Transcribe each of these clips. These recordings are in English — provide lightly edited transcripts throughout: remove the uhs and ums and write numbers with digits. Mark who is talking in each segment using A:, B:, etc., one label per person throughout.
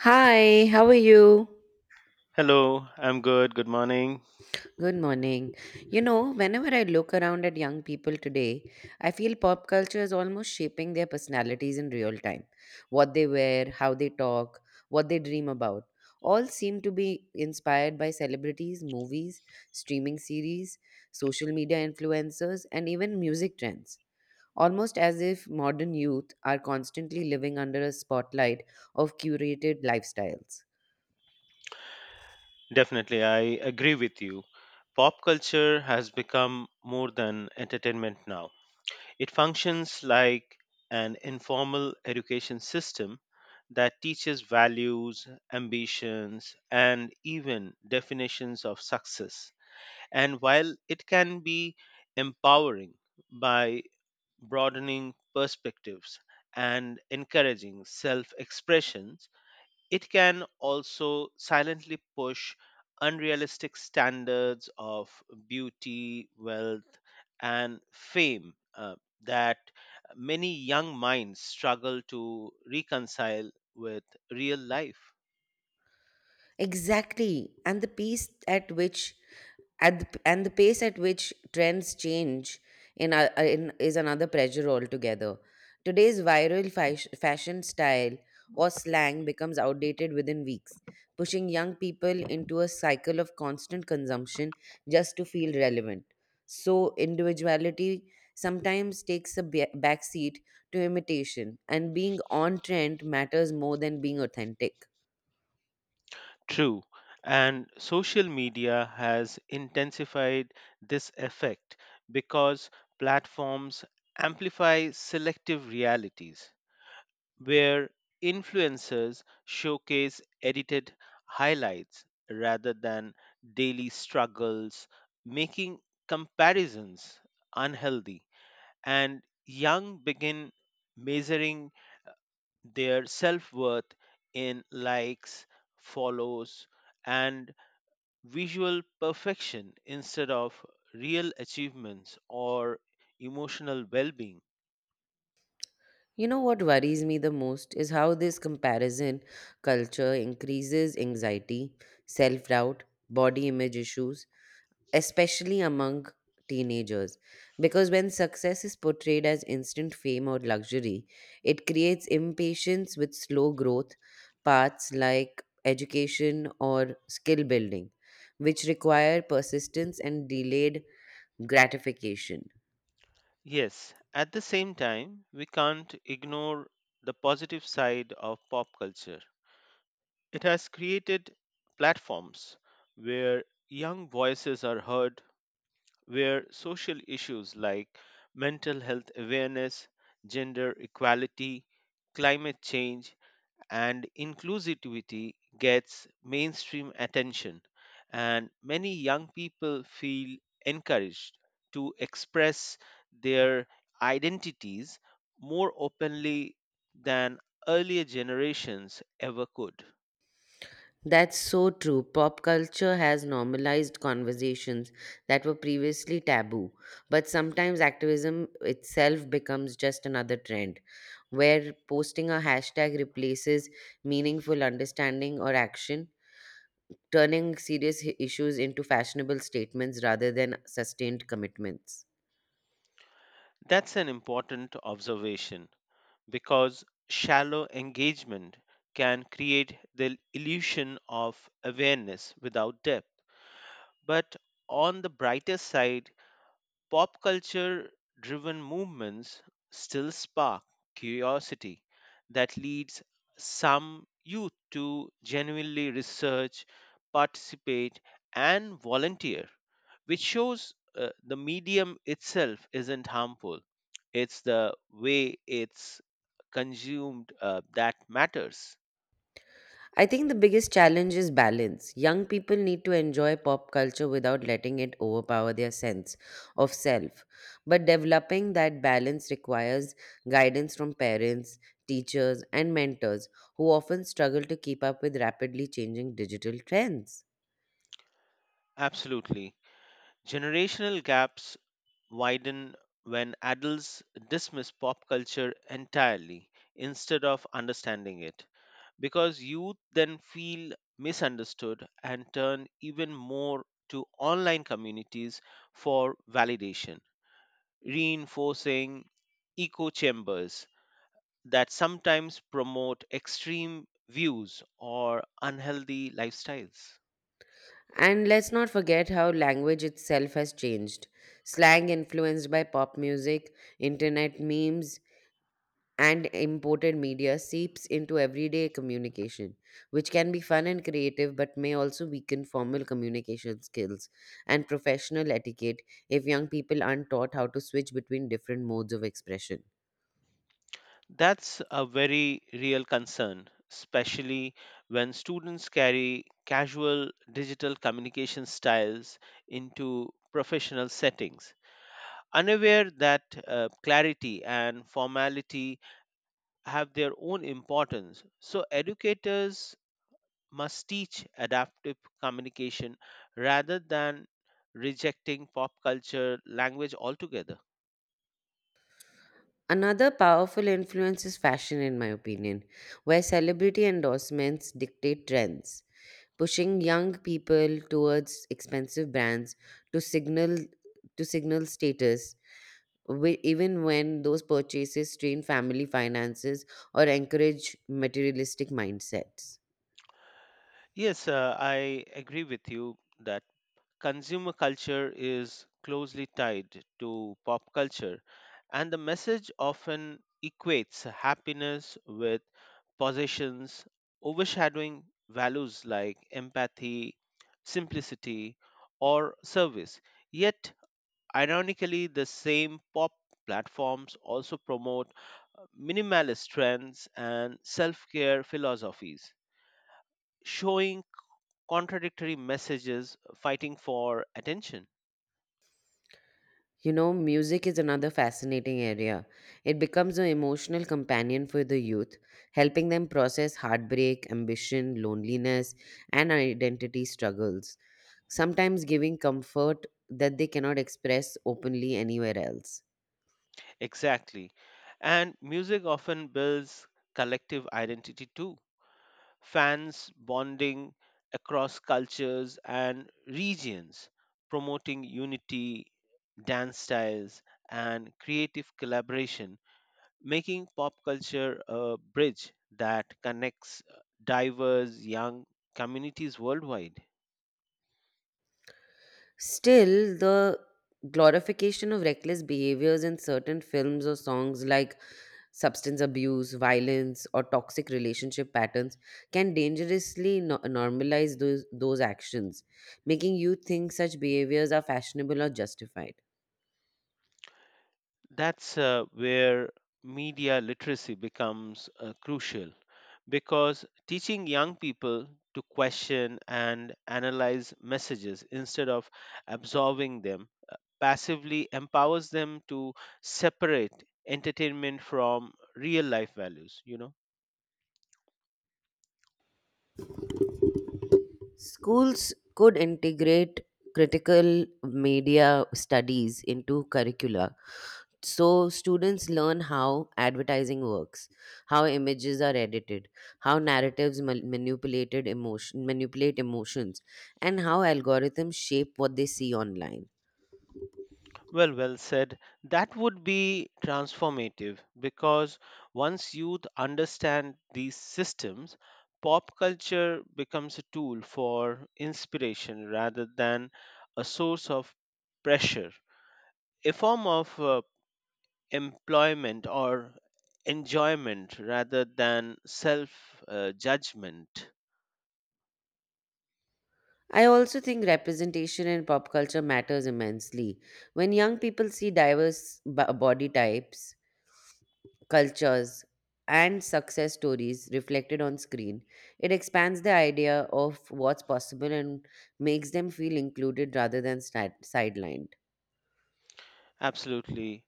A: Hi, how are you?
B: Hello, I'm good. Good morning.
A: Good morning. You know, whenever I look around at young people today, I feel pop culture is almost shaping their personalities in real time. What they wear, how they talk, what they dream about, all seem to be inspired by celebrities, movies, streaming series, social media influencers, and even music trends. Almost as if modern youth are constantly living under a spotlight of curated lifestyles.
B: Definitely, I agree with you. Pop culture has become more than entertainment now. It functions like an informal education system that teaches values, ambitions, and even definitions of success. And while it can be empowering by broadening perspectives and encouraging self expressions, it can also silently push unrealistic standards of beauty, wealth, and fame that many young minds struggle to reconcile with real life.
A: Exactly, and the pace at which at the, and the pace at which trends change in, a, in is another pressure altogether. Today's viral fashion style or slang becomes outdated within weeks, pushing young people into a cycle of constant consumption just to feel relevant. So individuality sometimes takes a backseat to imitation, and being on trend matters more than being authentic.
B: True. And social media has intensified this effect because platforms amplify selective realities, where influencers showcase edited highlights rather than daily struggles, making comparisons unhealthy. And young begin measuring their self worth in likes, follows, and visual perfection instead of real achievements or emotional well being.
A: You know what worries me the most is how this comparison culture increases anxiety, self doubt, body image issues, especially among teenagers. Because when success is portrayed as instant fame or luxury, it creates impatience with slow growth paths like education or skill building, which require persistence and delayed gratification.
B: Yes, at the same time, we can't ignore the positive side of pop culture. It has created platforms where young voices are heard, where social issues like mental health awareness, gender equality, climate change, and inclusivity gets mainstream attention, and many young people feel encouraged to express their identities more openly than earlier generations ever could.
A: That's so true. Pop culture has normalized conversations that were previously taboo, but sometimes activism itself becomes just another trend where posting a hashtag replaces meaningful understanding or action, turning serious issues into fashionable statements rather than sustained commitments.
B: That's an important observation because shallow engagement can create the illusion of awareness without depth. But on the brighter side, pop culture driven movements still spark curiosity that leads some youth to genuinely research, participate, and volunteer, which shows the medium itself isn't harmful. It's the way it's consumed that matters.
A: I think the biggest challenge is balance. Young people need to enjoy pop culture without letting it overpower their sense of self. But developing that balance requires guidance from parents, teachers, and mentors who often struggle to keep up with rapidly changing digital trends.
B: Absolutely. Generational gaps widen when adults dismiss pop culture entirely instead of understanding it because youth then feel misunderstood and turn even more to online communities for validation reinforcing echo chambers that sometimes promote extreme views or unhealthy lifestyles.
A: And let's not forget how language itself has changed. Slang influenced by pop music, internet memes, and imported media seeps into everyday communication, which can be fun and creative but may also weaken formal communication skills and professional etiquette if young people aren't taught how to switch between different modes of expression.
B: That's a very real concern, especially when students carry casual digital communication styles into professional settings, unaware that clarity and formality have their own importance. So, educators must teach adaptive communication rather than rejecting pop culture language altogether.
A: Another powerful influence is fashion, in my opinion, where celebrity endorsements dictate trends, pushing young people towards expensive brands to signal to signal status even when those purchases strain family finances or encourage materialistic mindsets.
B: Yes, I agree with you that consumer culture is closely tied to pop culture, and the message often equates happiness with possessions, overshadowing values like empathy, simplicity, or service. Yet, ironically, the same pop platforms also promote minimalist trends and self care philosophies, showing contradictory messages fighting for attention.
A: You know, music is another fascinating area. It becomes an emotional companion for the youth, helping them process heartbreak, ambition, loneliness, and identity struggles, sometimes giving comfort that they cannot express openly anywhere else.
B: Exactly. And music often builds collective identity too. Fans bonding across cultures and regions, promoting unity, dance styles, and creative collaboration, making pop culture a bridge that connects diverse young communities worldwide.
A: Still, the glorification of reckless behaviors in certain films or songs like substance abuse, violence, or toxic relationship patterns can dangerously normalize those actions, making youth think such behaviors are fashionable or justified.
B: That's where media literacy becomes crucial because teaching young people to question and analyze messages instead of absorbing them passively empowers them to separate entertainment from real life values, you know.
A: Schools could integrate critical media studies into curricula so students learn how advertising works, how images are edited, how narratives manipulate emotions, and how algorithms shape what they see online.
B: Well, well said. That would be transformative because once youth understand these systems, pop culture becomes a tool for inspiration rather than a source of pressure, a form of employment or enjoyment rather than self judgment.
A: I also think representation in pop culture matters immensely. When young people see diverse body types, cultures, and success stories reflected on screen, it expands the idea of what's possible and makes them feel included rather than sidelined.
B: Absolutely.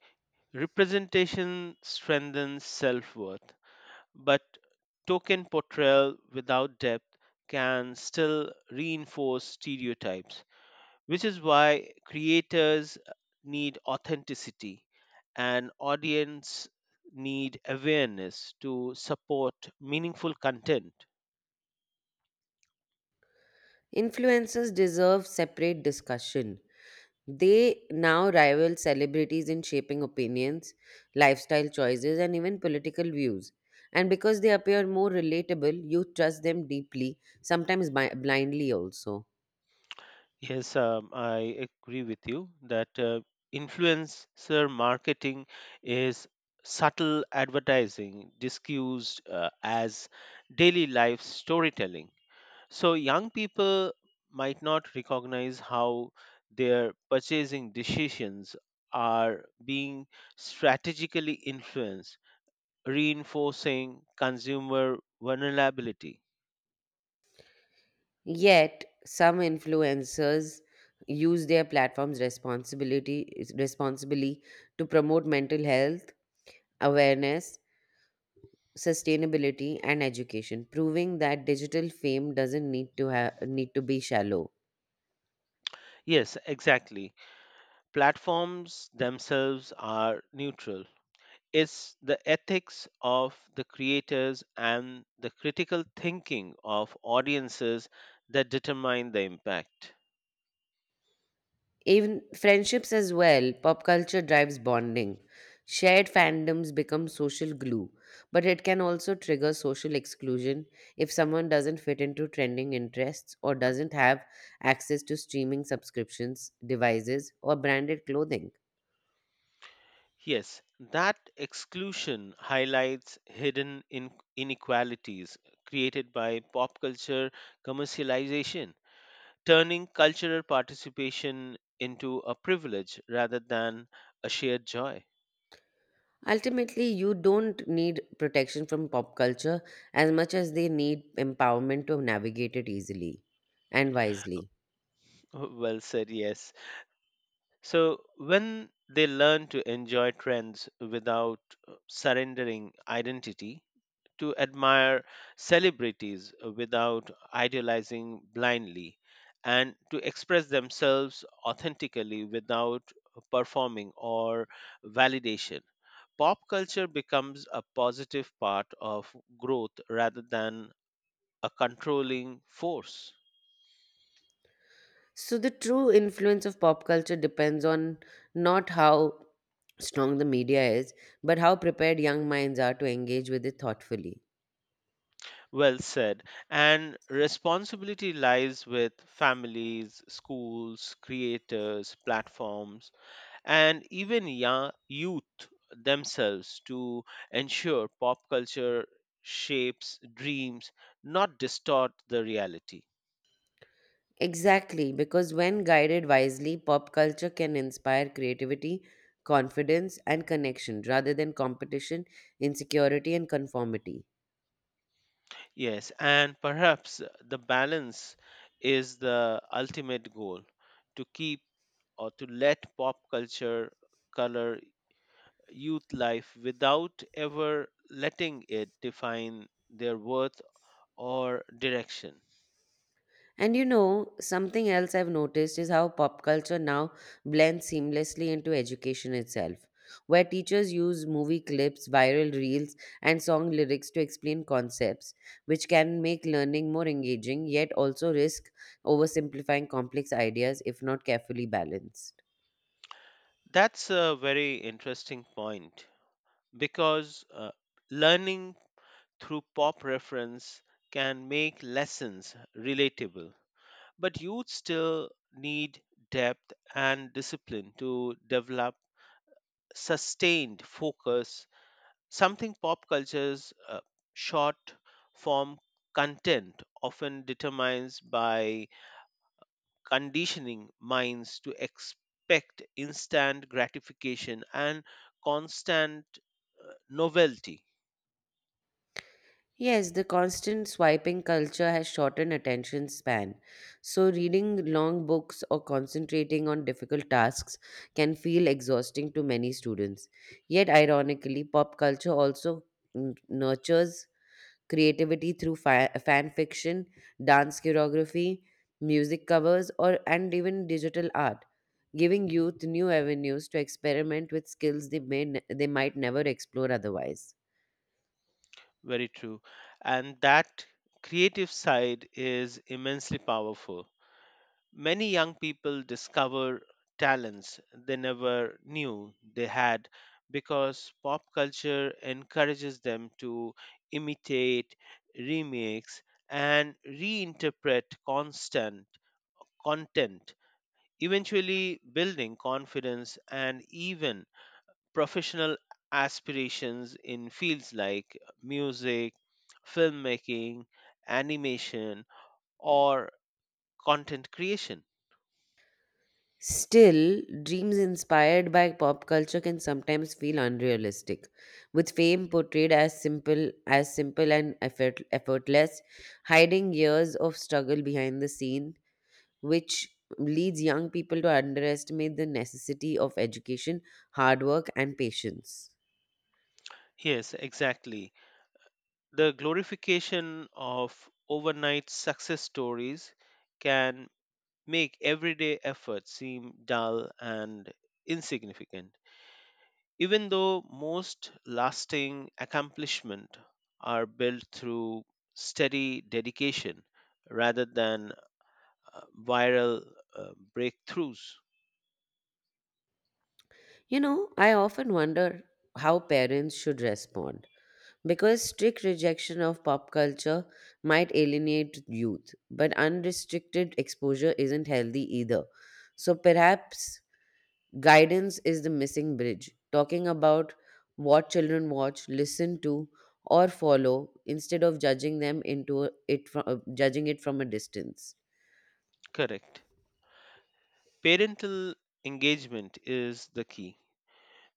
B: Representation strengthens self worth. But token portrayal without depth can still reinforce stereotypes, which is why creators need authenticity and audience need awareness to support meaningful content.
A: Influencers deserve separate discussion. They now rival celebrities in shaping opinions, lifestyle choices, and even political views. And because they appear more relatable, you trust them deeply, sometimes blindly also.
B: Yes, I agree with you that influencer marketing is subtle advertising disguised as daily life storytelling. So, young people might not recognize how their purchasing decisions are being strategically influenced, reinforcing consumer vulnerability.
A: Yet, some influencers use their platforms responsibility responsibly to promote mental health awareness, sustainability, and education, proving that digital fame doesn't need to have need to be shallow.
B: Yes, exactly. Platforms themselves are neutral. It's the ethics of the creators and the critical thinking of audiences that determine the impact.
A: Even friendships as well, pop culture drives bonding. Shared fandoms become social glue, but it can also trigger social exclusion if someone doesn't fit into trending interests or doesn't have access to streaming subscriptions, devices, or branded clothing.
B: Yes, that exclusion highlights hidden inequalities created by pop culture commercialization, turning cultural participation into a privilege rather than a shared joy.
A: Ultimately, you don't need protection from pop culture as much as they need empowerment to navigate it easily and wisely.
B: Well said, yes. So, when they learn to enjoy trends without surrendering identity, to admire celebrities without idealizing blindly and to express themselves authentically without performing or validation. Pop culture becomes a positive part of growth rather than a controlling force.
A: So the true influence of pop culture depends on not how strong the media is, but how prepared young minds are to engage with it thoughtfully.
B: Well said. And responsibility lies with families, schools, creators, platforms, and even youth themselves to ensure pop culture shapes dreams, not distort the reality.
A: Exactly, because when guided wisely, pop culture can inspire creativity, confidence, and connection rather than competition, insecurity, and conformity.
B: Yes, and perhaps the balance is the ultimate goal to keep or to let pop culture color youth life without ever letting it define their worth or direction.
A: And you know, something else I've noticed is how pop culture now blends seamlessly into education itself, where teachers use movie clips, viral reels, and song lyrics to explain concepts, which can make learning more engaging yet also risk oversimplifying complex ideas if not carefully balanced.
B: That's a very interesting point because learning through pop reference can make lessons relatable, but youth still need depth and discipline to develop sustained focus, something pop culture's short form content often determines by conditioning minds to expect instant gratification and constant novelty.
A: Yes, the constant swiping culture has shortened attention span. So, reading long books or concentrating on difficult tasks can feel exhausting to many students. Yet, ironically, pop culture also nurtures creativity through fan fiction, dance choreography, music covers, or and even digital art, giving youth new avenues to experiment with skills they might never explore otherwise.
B: Very true. And that creative side is immensely powerful. Many young people discover talents they never knew they had because pop culture encourages them to imitate, remix, and reinterpret constant content eventually building confidence and even professional aspirations in fields like music, filmmaking, animation, or content creation.
A: Still, dreams inspired by pop culture can sometimes feel unrealistic, with fame portrayed as simple and effortless, hiding years of struggle behind the scene, which leads young people to underestimate the necessity of education, hard work, and patience.
B: Yes, exactly. The glorification of overnight success stories can make everyday effort seem dull and insignificant. Even though most lasting accomplishment are built through steady dedication rather than viral uh, breakthroughs.
A: You know, I often wonder how parents should respond. Because strict rejection of pop culture might alienate youth, but unrestricted exposure isn't healthy either. So perhaps guidance is the missing bridge, talking about what children watch, listen to, or follow instead of judging it from a distance.
B: Correct. Parental engagement is the key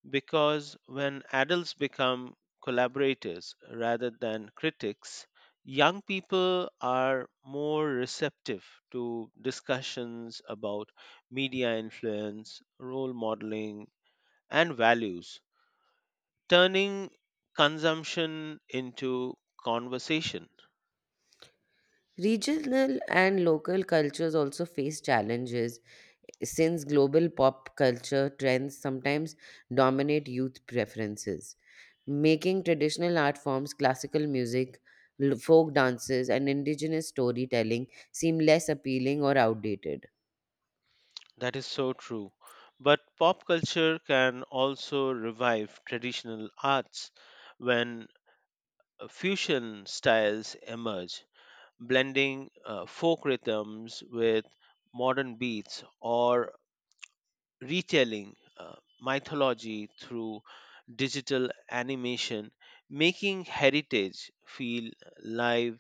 B: because when adults become collaborators rather than critics, young people are more receptive to discussions about media influence, role modeling, and values, turning consumption into conversation.
A: Regional and local cultures also face challenges since global pop culture trends sometimes dominate youth preferences, making traditional art forms, classical music, folk dances, and indigenous storytelling seem less appealing or outdated.
B: That is so true. But pop culture can also revive traditional arts when fusion styles emerge, blending folk rhythms with modern beats or retelling mythology through digital animation, making heritage feel live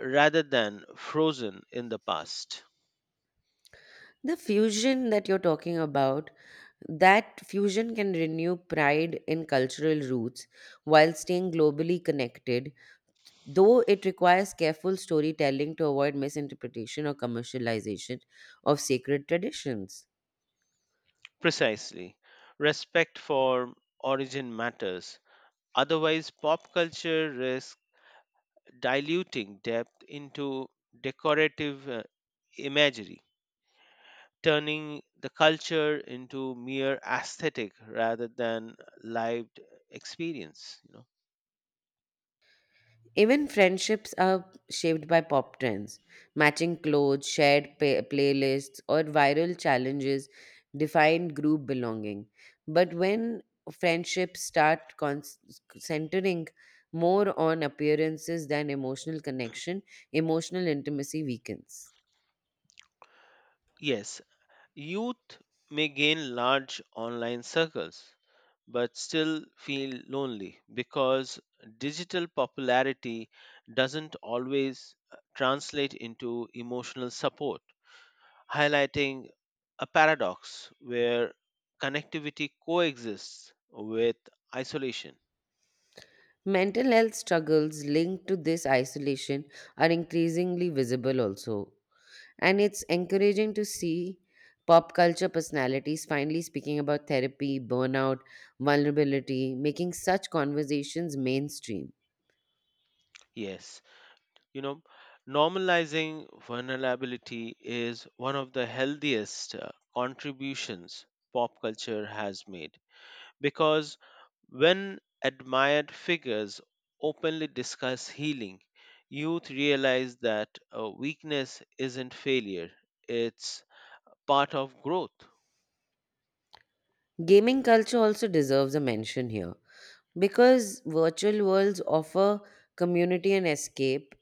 B: rather than frozen in the past.
A: The fusion that you're talking about, that fusion can renew pride in cultural roots while staying globally connected, though it requires careful storytelling to avoid misinterpretation or commercialization of sacred traditions.
B: Precisely. Respect for origin matters. Otherwise, pop culture risks diluting depth into decorative imagery, turning the culture into mere aesthetic rather than lived experience. You know?
A: Even friendships are shaped by pop trends. Matching clothes, shared playlists, or viral challenges define group belonging. But when friendships start centering more on appearances than emotional connection, emotional intimacy weakens.
B: Yes, youth may gain large online circles, but still feel lonely because digital popularity doesn't always translate into emotional support, highlighting a paradox where connectivity coexists with isolation.
A: Mental health struggles linked to this isolation are increasingly visible also. And it's encouraging to see pop culture personalities finally speaking about therapy, burnout, vulnerability, making such conversations mainstream.
B: Yes, you know, normalizing vulnerability is one of the healthiest contributions pop culture has made because when admired figures openly discuss healing, youth realize that weakness isn't failure, it's part of growth.
A: Gaming culture also deserves a mention here because virtual worlds offer community and escape,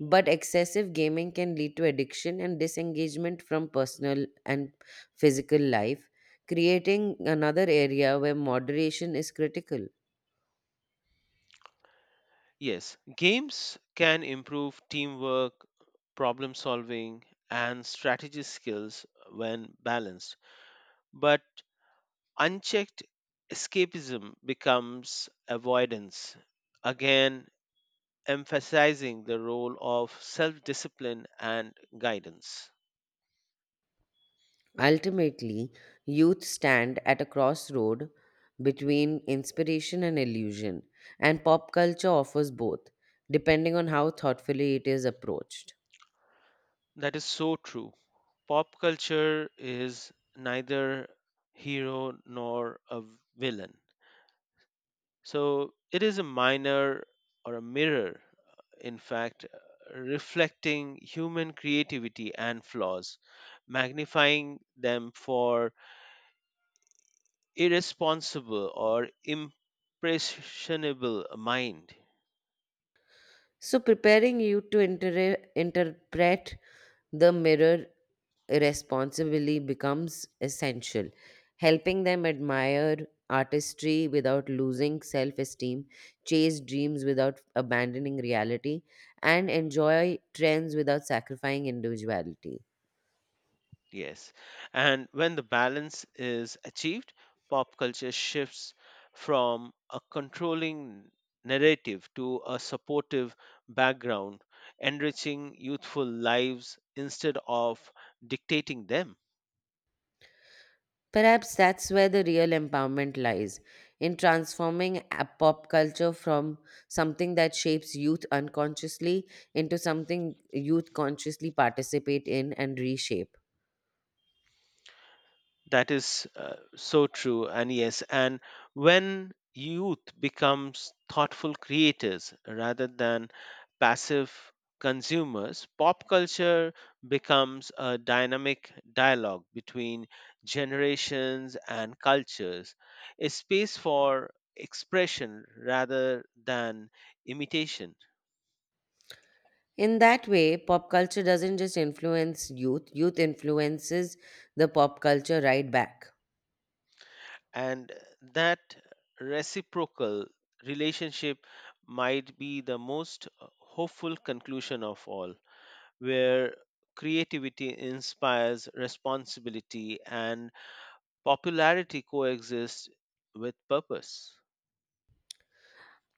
A: but excessive gaming can lead to addiction and disengagement from personal and physical life, creating another area where moderation is critical.
B: Yes, games can improve teamwork, problem solving, and strategy skills when balanced, but unchecked escapism becomes avoidance, again emphasizing the role of self discipline and guidance.
A: Ultimately, youth stand at a crossroad between inspiration and illusion, and pop culture offers both, depending on how thoughtfully it is approached.
B: That is so true. Pop culture is neither hero nor a villain. So it is a minor or a mirror, in fact, reflecting human creativity and flaws, magnifying them for irresponsible or impressionable mind.
A: So, preparing you to interpret the mirror responsibly becomes essential, helping them admire artistry without losing self esteem, chase dreams without abandoning reality, and enjoy trends without sacrificing individuality.
B: Yes. And when the balance is achieved, pop culture shifts from a controlling narrative to a supportive background, enriching youthful lives instead of dictating them.
A: Perhaps that's where the real empowerment lies in transforming a pop culture from something that shapes youth unconsciously into something youth consciously participate in and reshape.
B: That is so true, and yes, and when youth becomes thoughtful creators rather than passive consumers, pop culture becomes a dynamic dialogue between generations and cultures, a space for expression rather than imitation.
A: In that way, pop culture doesn't just influence youth, youth influences the pop culture right back.
B: And that reciprocal relationship might be the most hopeful conclusion of all where creativity inspires responsibility and popularity coexist with purpose.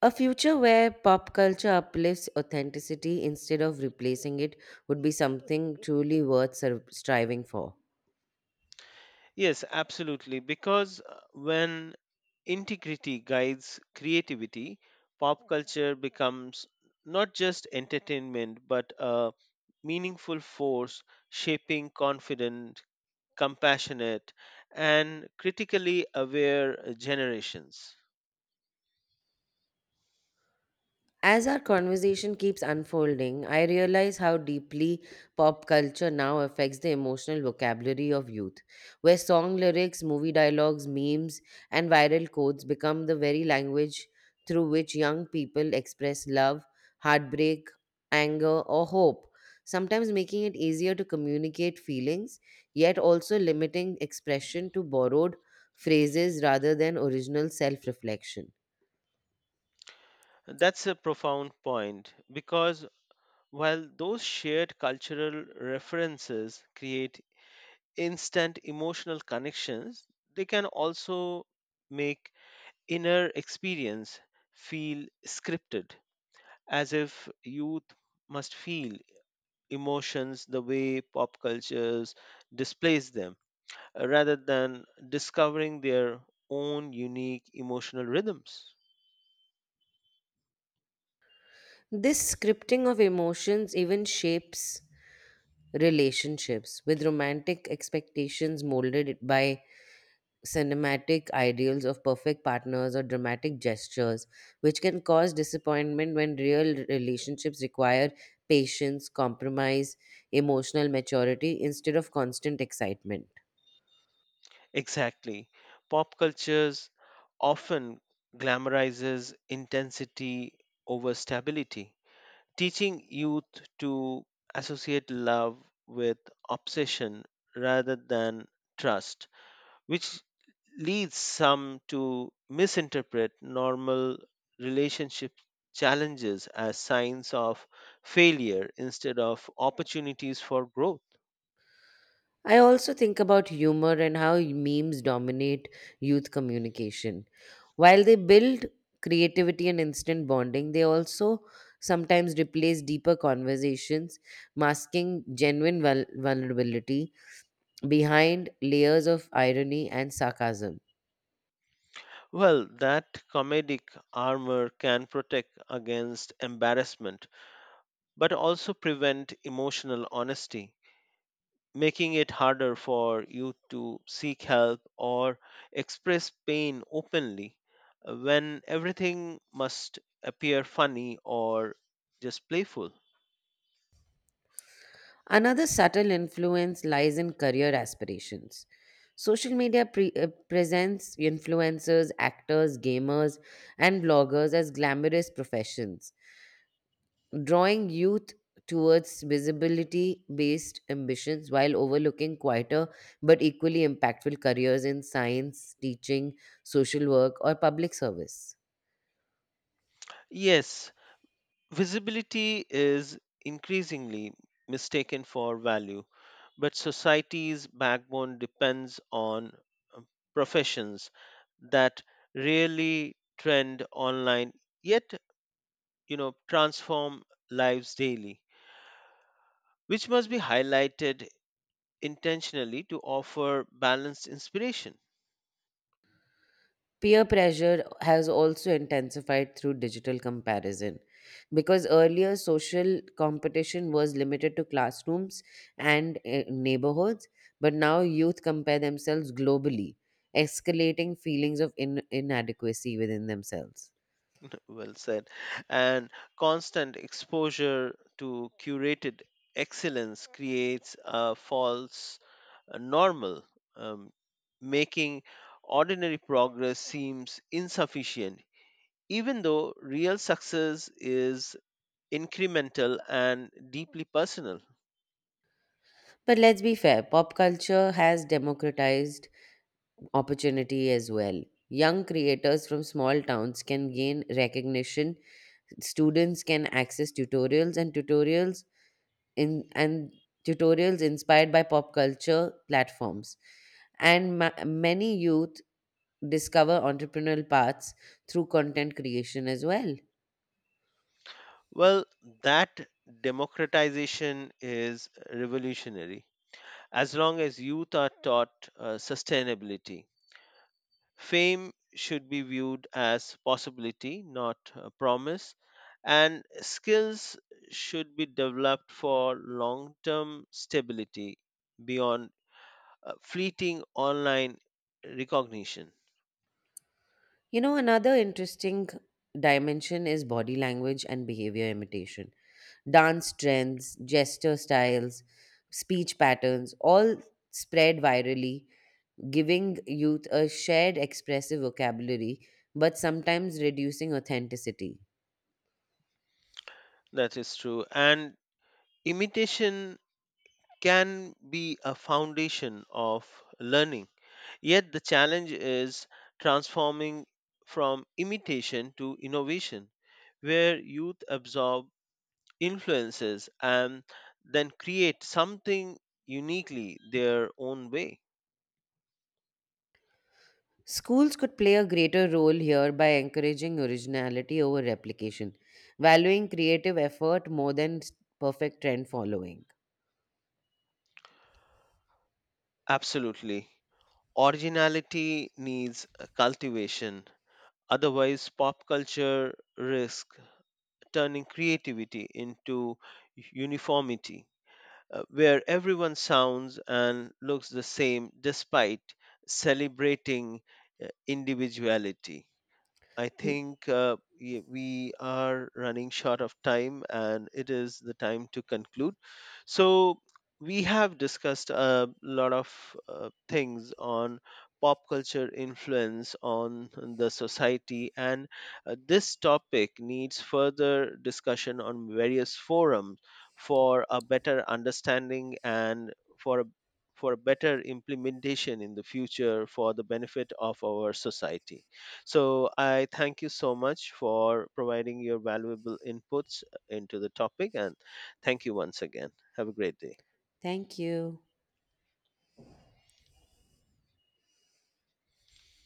A: A future where pop culture uplifts authenticity instead of replacing it would be something truly worth striving for.
B: Yes, absolutely, because when integrity guides creativity pop culture becomes not just entertainment but a meaningful force shaping confidence compassionate, and critically aware generations.
A: As our conversation keeps unfolding, I realize how deeply pop culture now affects the emotional vocabulary of youth, where song lyrics, movie dialogues, memes, and viral quotes become the very language through which young people express love, heartbreak, anger, or hope, sometimes making it easier to communicate feelings, yet also limiting expression to borrowed phrases rather than original self reflection.
B: That's a profound point because while those shared cultural references create instant emotional connections, they can also make inner experience feel scripted, as if youth must feel emotions the way pop cultures displays them rather than discovering their own unique emotional rhythms.
A: This scripting of emotions even shapes relationships, with romantic expectations molded by cinematic ideals of perfect partners or dramatic gestures, which can cause disappointment when real relationships require patience, compromise, emotional maturity instead of constant excitement.
B: Exactly. Pop cultures often glamorizes intensity over stability, teaching youth to associate love with obsession rather than trust, which leads some to misinterpret normal relationship challenges as signs of failure instead of opportunities for growth.
A: I also think about humor and how memes dominate youth communication. While they build creativity and instant bonding, they also sometimes replace deeper conversations, masking genuine vulnerability behind layers of irony and sarcasm.
B: Well, that comedic armor can protect against embarrassment but also prevent emotional honesty making it harder for you to seek help or express pain openly when everything must appear funny or just playful.
A: Another subtle influence lies in career aspirations. Social media presents influencers, actors, gamers, and bloggers as glamorous professions drawing youth towards visibility based ambitions while overlooking quieter but equally impactful careers in science, teaching, social work, or public service.
B: Yes, visibility is increasingly mistaken for value, but society's backbone depends on uh, professions that really trend online yet you know transform lives daily which must be highlighted intentionally to offer balanced inspiration.
A: Peer pressure has also intensified through digital comparison because earlier social competition was limited to classrooms and neighborhoods, but now youth compare themselves globally, escalating feelings of inadequacy within themselves.
B: Well said. And constant exposure to curated excellence creates a false normal, um, making ordinary progress seems insufficient even though real success is incremental and deeply personal.
A: But let's be fair, pop culture has democratized opportunity as well. Young creators from small towns can gain recognition. Students can access tutorials and tutorials in and tutorials inspired by pop culture platforms. And many youth discover entrepreneurial paths through content creation as well.
B: Well, that democratization is revolutionary as long as youth are taught sustainability. Fame should be viewed as possibility, not a promise, and skills should be developed for long term stability beyond fleeting online recognition.
A: You know, another interesting dimension is body language and behavior imitation. Dance trends, gesture styles, speech patterns all spread virally, giving youth a shared expressive vocabulary, but sometimes reducing authenticity.
B: That is true. And imitation can be a foundation of learning. Yet the challenge is transforming from imitation to innovation, where youth absorb influences and then create something uniquely their own way.
A: Schools could play a greater role here by encouraging originality over replication, valuing creative effort more than perfect trend following.
B: Absolutely. Originality needs a cultivation. Otherwise, pop culture risks turning creativity into uniformity, where everyone sounds and looks the same despite celebrating individuality. I think we are running short of time and it is the time to conclude. So, we have discussed a lot of things on pop culture influence on the society, and this topic needs further discussion on various forums for a better understanding and for a for a better implementation in the future for the benefit of our society. So I thank you so much for providing your valuable inputs into the topic and thank you once again. Have a great day.
A: Thank you.